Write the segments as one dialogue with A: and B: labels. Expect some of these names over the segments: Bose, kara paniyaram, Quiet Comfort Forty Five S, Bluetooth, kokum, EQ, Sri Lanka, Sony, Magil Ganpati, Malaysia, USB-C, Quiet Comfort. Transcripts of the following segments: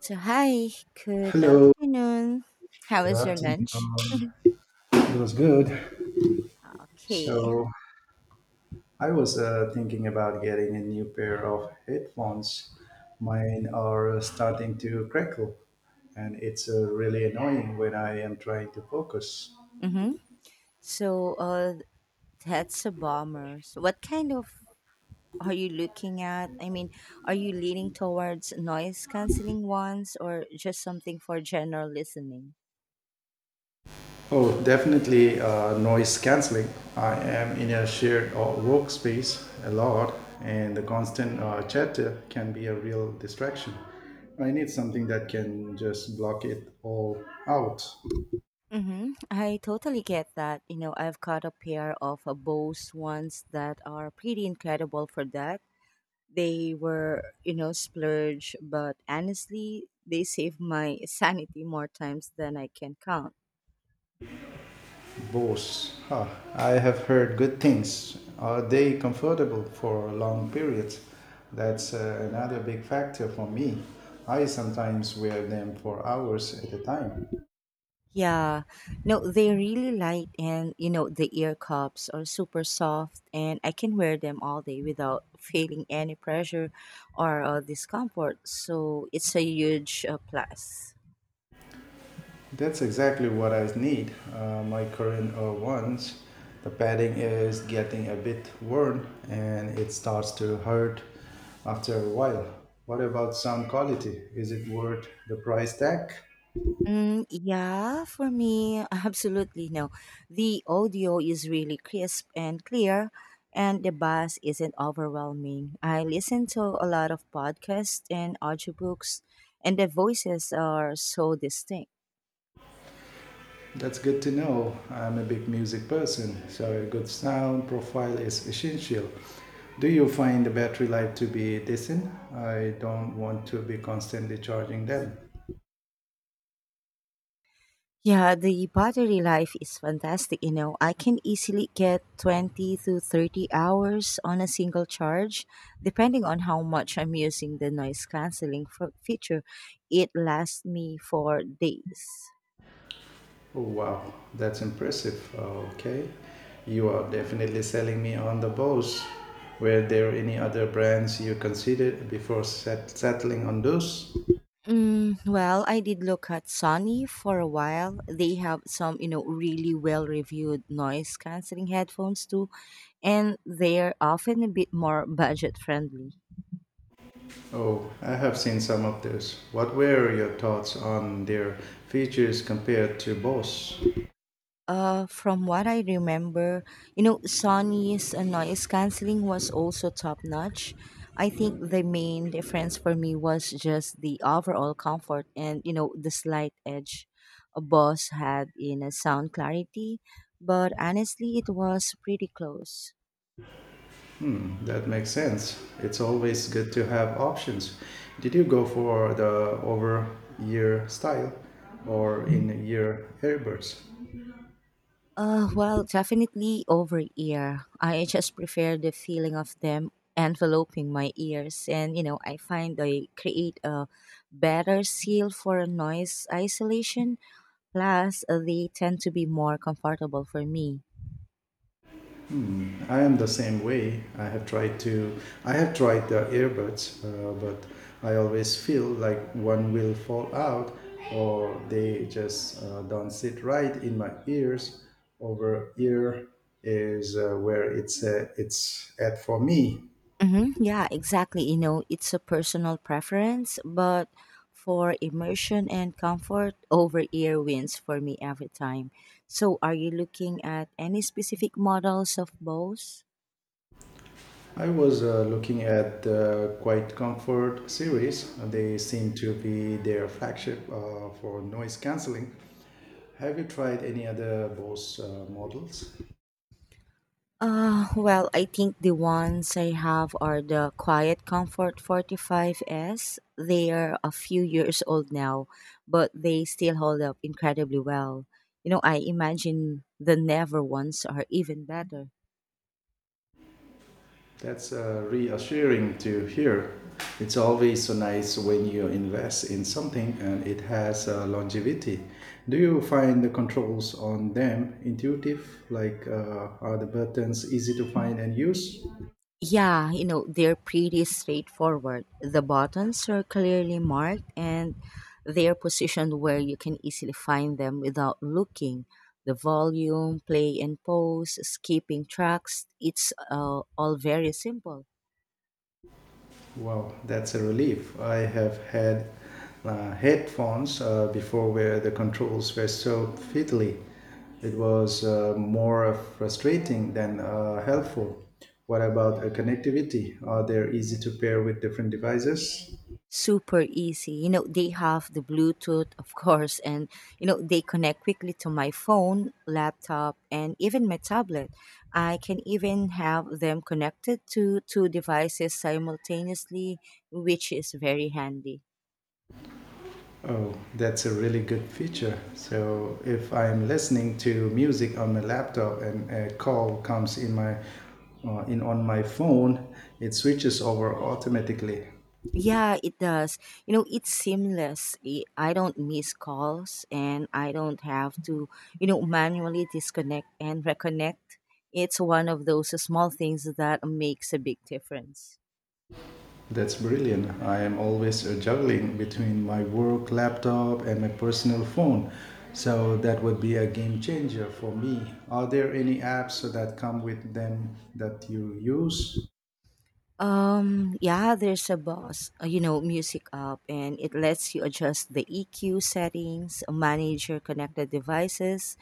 A: So, hi, good
B: Hello,
A: afternoon. How
B: good
A: was your
B: afternoon.
A: lunch?
B: It was good.
A: Okay.
B: So, I was thinking about getting a new pair of headphones. Mine are starting to crackle, and it's really annoying when I am trying to focus.
A: Mm-hmm. So, uh, that's a bomber. So, what kind of are you looking at? I mean, are you leaning towards noise canceling ones or just something for general listening?
B: Oh, definitely noise canceling. I am in a shared workspace a lot, and the constant chatter can be a real distraction. I need something that can just block it all out.
A: Mm-hmm. I totally get that. You know, I've got a pair of Bose ones that are pretty incredible for that. They were, you know, splurge, but honestly, they saved my sanity more times than I can count.
B: Bose. Huh. I have heard good things. Are they comfortable for long periods? That's another big factor for me. I sometimes wear them for hours at a time.
A: Yeah, no, they're really light, and you know, the ear cups are super soft, and I can wear them all day without feeling any pressure or discomfort. So it's a huge plus.
B: That's exactly what I need. My current ones, the padding is getting a bit worn and it starts to hurt after a while. What about sound quality? Is it worth the price tag?
A: Mm, yeah, for me, absolutely no. The audio is really crisp and clear, and the bass isn't overwhelming. I listen to a lot of podcasts and audiobooks, and the voices are so distinct.
B: That's good to know. I'm a big music person, so a good sound profile is essential. Do you find the battery life to be decent? I don't want to be constantly charging them.
A: Yeah, the battery life is fantastic. You know, I can easily get 20 to 30 hours on a single charge, depending on how much I'm using the noise canceling feature. It lasts me for days.
B: Oh, wow, that's impressive. Okay, you are definitely selling me on the Bose. Were there any other brands you considered before settling on those?
A: Mm, well, I did look at Sony for a while. They have some, you know, really well-reviewed noise canceling headphones too, and they're often a bit more budget-friendly.
B: Oh, I have seen some of those. What were your thoughts on their features compared to Bose?
A: From what I remember, you know, Sony's noise canceling was also top notch. I think the main difference for me was just the overall comfort and, you know, the slight edge a Boss had in a sound clarity, but honestly, it was pretty close.
B: That makes sense. It's always good to have options. Did you go for the over year style or in year earbuds?
A: Well, definitely over ear. I just prefer the feeling of them enveloping my ears, and you know, I find they create a better seal for noise isolation. Plus, they tend to be more comfortable for me.
B: I am the same way. I have tried the earbuds, but I always feel like one will fall out or they just don't sit right in my ears. Over ear is where it's at for me.
A: Mm-hmm. Yeah, exactly. You know, it's a personal preference, but for immersion and comfort, over ear wins for me every time. So, are you looking at any specific models of both?
B: I was looking at the Quiet Comfort series. They seem to be their flagship for noise cancelling. Have you tried any other Bose models?
A: Well, I think the ones I have are the Quiet Comfort 45 S. They are a few years old now, but they still hold up incredibly well. You know, I imagine the Never ones are even better.
B: That's reassuring to hear. It's always so nice when you invest in something and it has longevity. Do you find the controls on them intuitive? Like, are the buttons easy to find and use?
A: Yeah, you know, they're pretty straightforward. The buttons are clearly marked and they're positioned where you can easily find them without looking. The volume, play and pause, skipping tracks, it's all very simple.
B: Wow, that's a relief. I have had headphones before where the controls were so fiddly. It was more frustrating than helpful. What about connectivity? Are they easy to pair with different devices?
A: Super easy. You know, they have the Bluetooth, of course, and you know, they connect quickly to my phone, laptop, and even my tablet. I can even have them connected to two devices simultaneously, which is very handy.
B: Oh, that's a really good feature. So if I'm listening to music on my laptop and a call comes in my in on my phone, it switches over automatically.
A: Yeah, it does. You know, it's seamless. I don't miss calls and I don't have to, you know, manually disconnect and reconnect. It's one of those small things that makes a big difference.
B: That's brilliant. I am always juggling between my work laptop and my personal phone. So that would be a game changer for me. Are there any apps that come with them that you use?
A: Yeah, there's a boss, you know, music app, and it lets you adjust the EQ settings, manage your connected devices,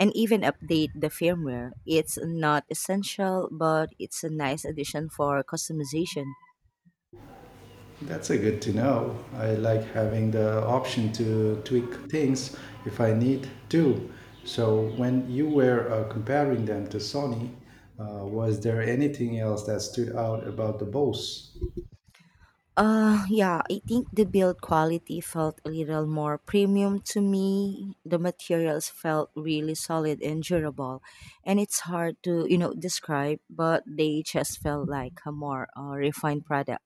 A: and even update the firmware. It's not essential, but it's a nice addition for customization.
B: That's a good to know. I like having the option to tweak things if I need to. So when you were comparing them to Sony, was there anything else that stood out about the Bose?
A: Yeah, I think the build quality felt a little more premium to me. The materials felt really solid and durable, and it's hard to, you know, describe, but they just felt like a more refined product.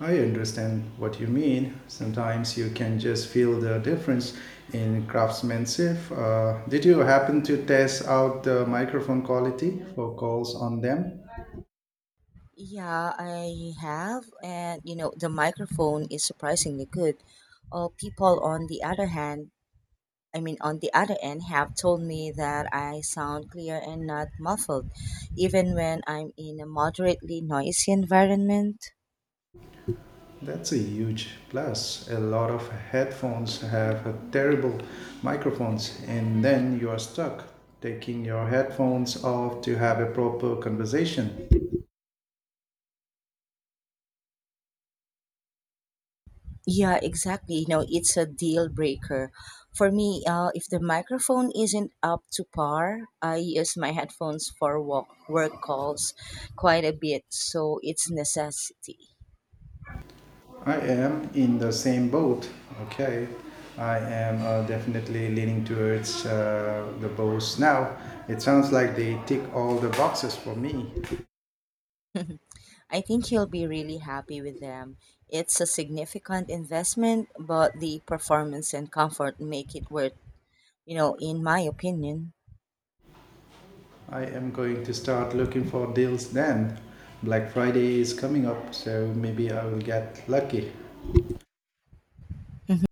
B: I understand what you mean. Sometimes you can just feel the difference in craftsmanship. Did you happen to test out the microphone quality for calls on them?
A: Yeah, I have, and you know, the microphone is surprisingly good. People on the other hand, I mean, on the other end, have told me that I sound clear and not muffled, even when I'm in a moderately noisy environment.
B: That's a huge plus. A lot of headphones have a terrible microphones, and then you are stuck taking your headphones off to have a proper conversation.
A: Yeah, exactly. You know, it's a deal breaker. For me, if the microphone isn't up to par, I use my headphones for walk, work calls quite a bit, so it's necessity.
B: I am in the same boat. Okay, I am definitely leaning towards the Bose now. It sounds like they tick all the boxes for me.
A: I think he'll be really happy with them. It's a significant investment, but the performance and comfort make it worth, you know, in my opinion.
B: I am going to start looking for deals then. Black Friday is coming up, so maybe I will get lucky.
A: Mhm.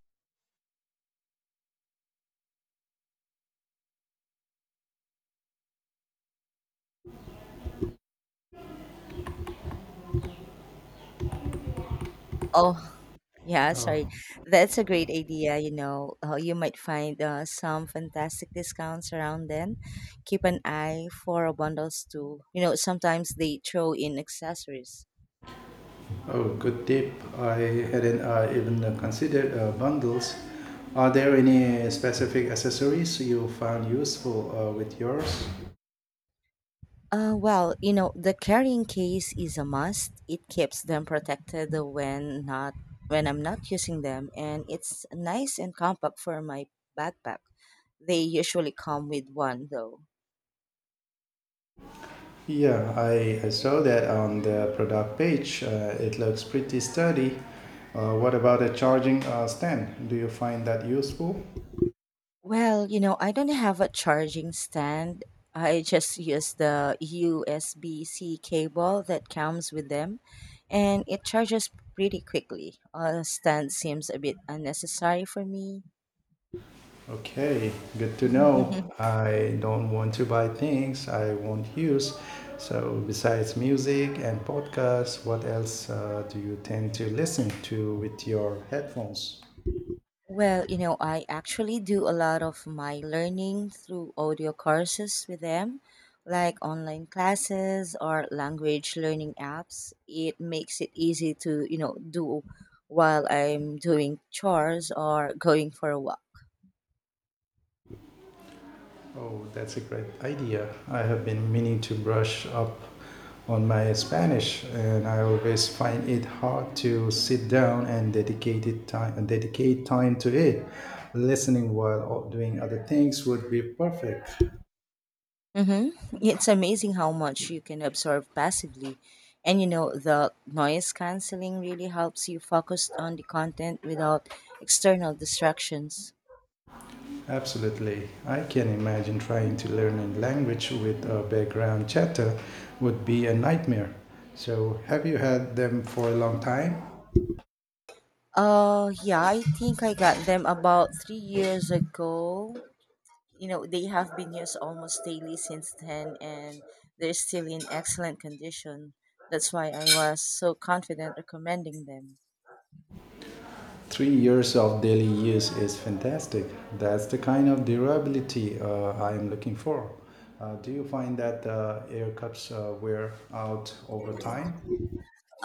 A: Oh, yeah,
B: Oh,
A: sorry. That's a great idea, you know. You might find some fantastic discounts around then. Keep an eye for bundles too. You know, sometimes they throw in accessories.
B: oh, good tip. I hadn't even considered bundles. Are there any specific accessories you found useful with yours?
A: Well, you know, the carrying case is a must. It keeps them protected when I'm not using them, and it's nice and compact for my backpack. They usually come with one though.
B: Yeah, I saw that on the product page. It looks pretty sturdy. What about a charging stand? Do you find that useful?
A: Well, you know, I don't have a charging stand. I just use the USB-C cable that comes with them, and it charges pretty quickly. A stand seems a bit unnecessary for me.
B: Okay, good to know. I don't want to buy things I won't use. So, besides music and podcasts, what else do you tend to listen to with your headphones?
A: Well, you know, I actually do a lot of my learning through audio courses with them, like online classes or language learning apps. It makes it easy to, you know, do while I'm doing chores or going for a walk.
B: Oh, that's a great idea. I have been meaning to brush up on my Spanish, and I always find it hard to sit down and dedicated time and dedicate time to it. Listening while doing other things would be perfect.
A: Mm-hmm. It's amazing how much you can absorb passively. And you know, the noise canceling really helps you focus on the content without external distractions.
B: Absolutely, I can imagine trying to learn a language with a background chatter would be a nightmare. So, have you had them for a long time?
A: Yeah, I think I got them about 3 years ago. You know, they have been used almost daily since then, and they're still in excellent condition. That's why I was so confident recommending them.
B: 3 years of daily use is fantastic. That's the kind of durability I am looking for. Do you find that air cups wear out over time?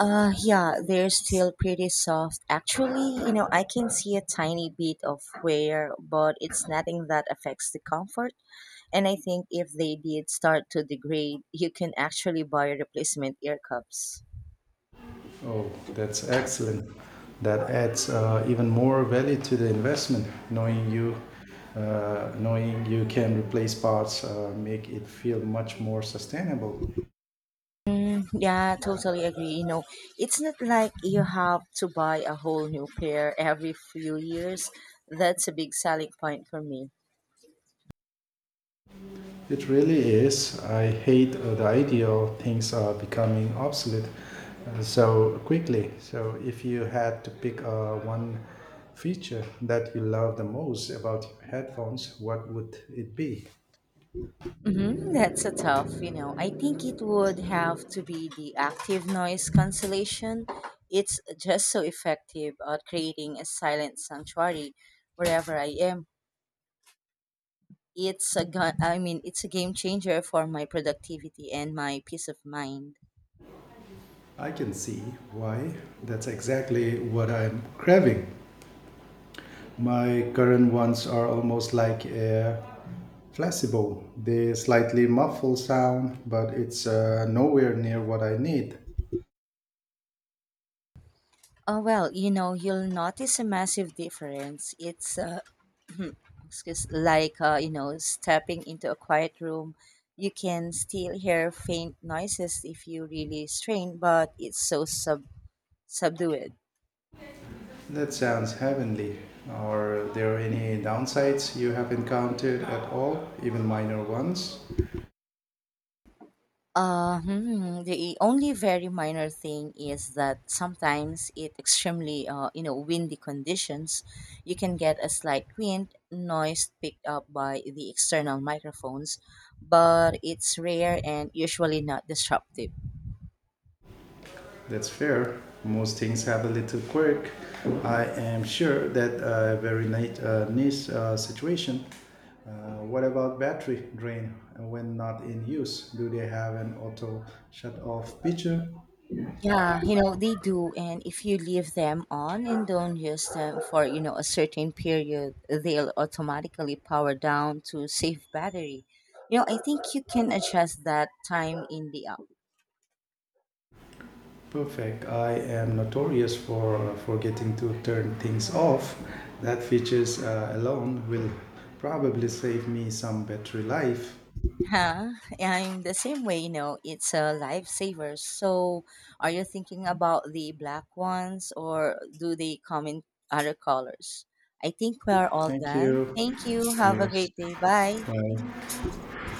A: Yeah, they're still pretty soft. Actually, you know, I can see a tiny bit of wear, but it's nothing that affects the comfort. And I think if they did start to degrade, you can actually buy replacement ear cups.
B: Oh, that's excellent. That adds even more value to the investment. Knowing you can replace parts, make it feel much more sustainable.
A: Mm, yeah, totally agree. You know, it's not like you have to buy a whole new pair every few years. That's a big selling point for me.
B: It really is. I hate the idea of things are becoming obsolete so quickly. So, if you had to pick one feature that you love the most about your headphones, what would it be?
A: Hmm, that's a tough, you know. I think it would have to be the active noise cancellation. It's just so effective at creating a silent sanctuary wherever I am. I mean, it's a game changer for my productivity and my peace of mind.
B: I can see why. That's exactly what I'm craving. My current ones are almost like a placebo. They slightly muffle sound, but it's nowhere near what I need.
A: Oh well, you know, you'll notice a massive difference. Like you know, stepping into a quiet room. You can still hear faint noises if you really strain, but it's so subdued.
B: That sounds heavenly. Are there any downsides you have encountered at all, even minor ones?
A: The only very minor thing is that sometimes it extremely you know windy conditions, you can get a slight wind noise picked up by the external microphones, but it's rare and usually not disruptive.
B: That's fair. Most things have a little quirk. I am sure that nice situation. What about battery drain when not in use? Do they have an auto shut off feature?
A: Yeah, you know they do, and if you leave them on and don't use them for you know a certain period, they'll automatically power down to save battery. You know, I think you can adjust that time in the app.
B: Perfect. I am notorious for forgetting to turn things off. That features alone will probably save me some battery life.
A: Huh? I'm the same way, you know, it's a lifesaver. So, are you thinking about the black ones or do they come in other colors? I think we are all
B: Thank
A: done.
B: you.
A: Thank you. Have a
B: Yes.
A: great day. Bye.
B: Bye.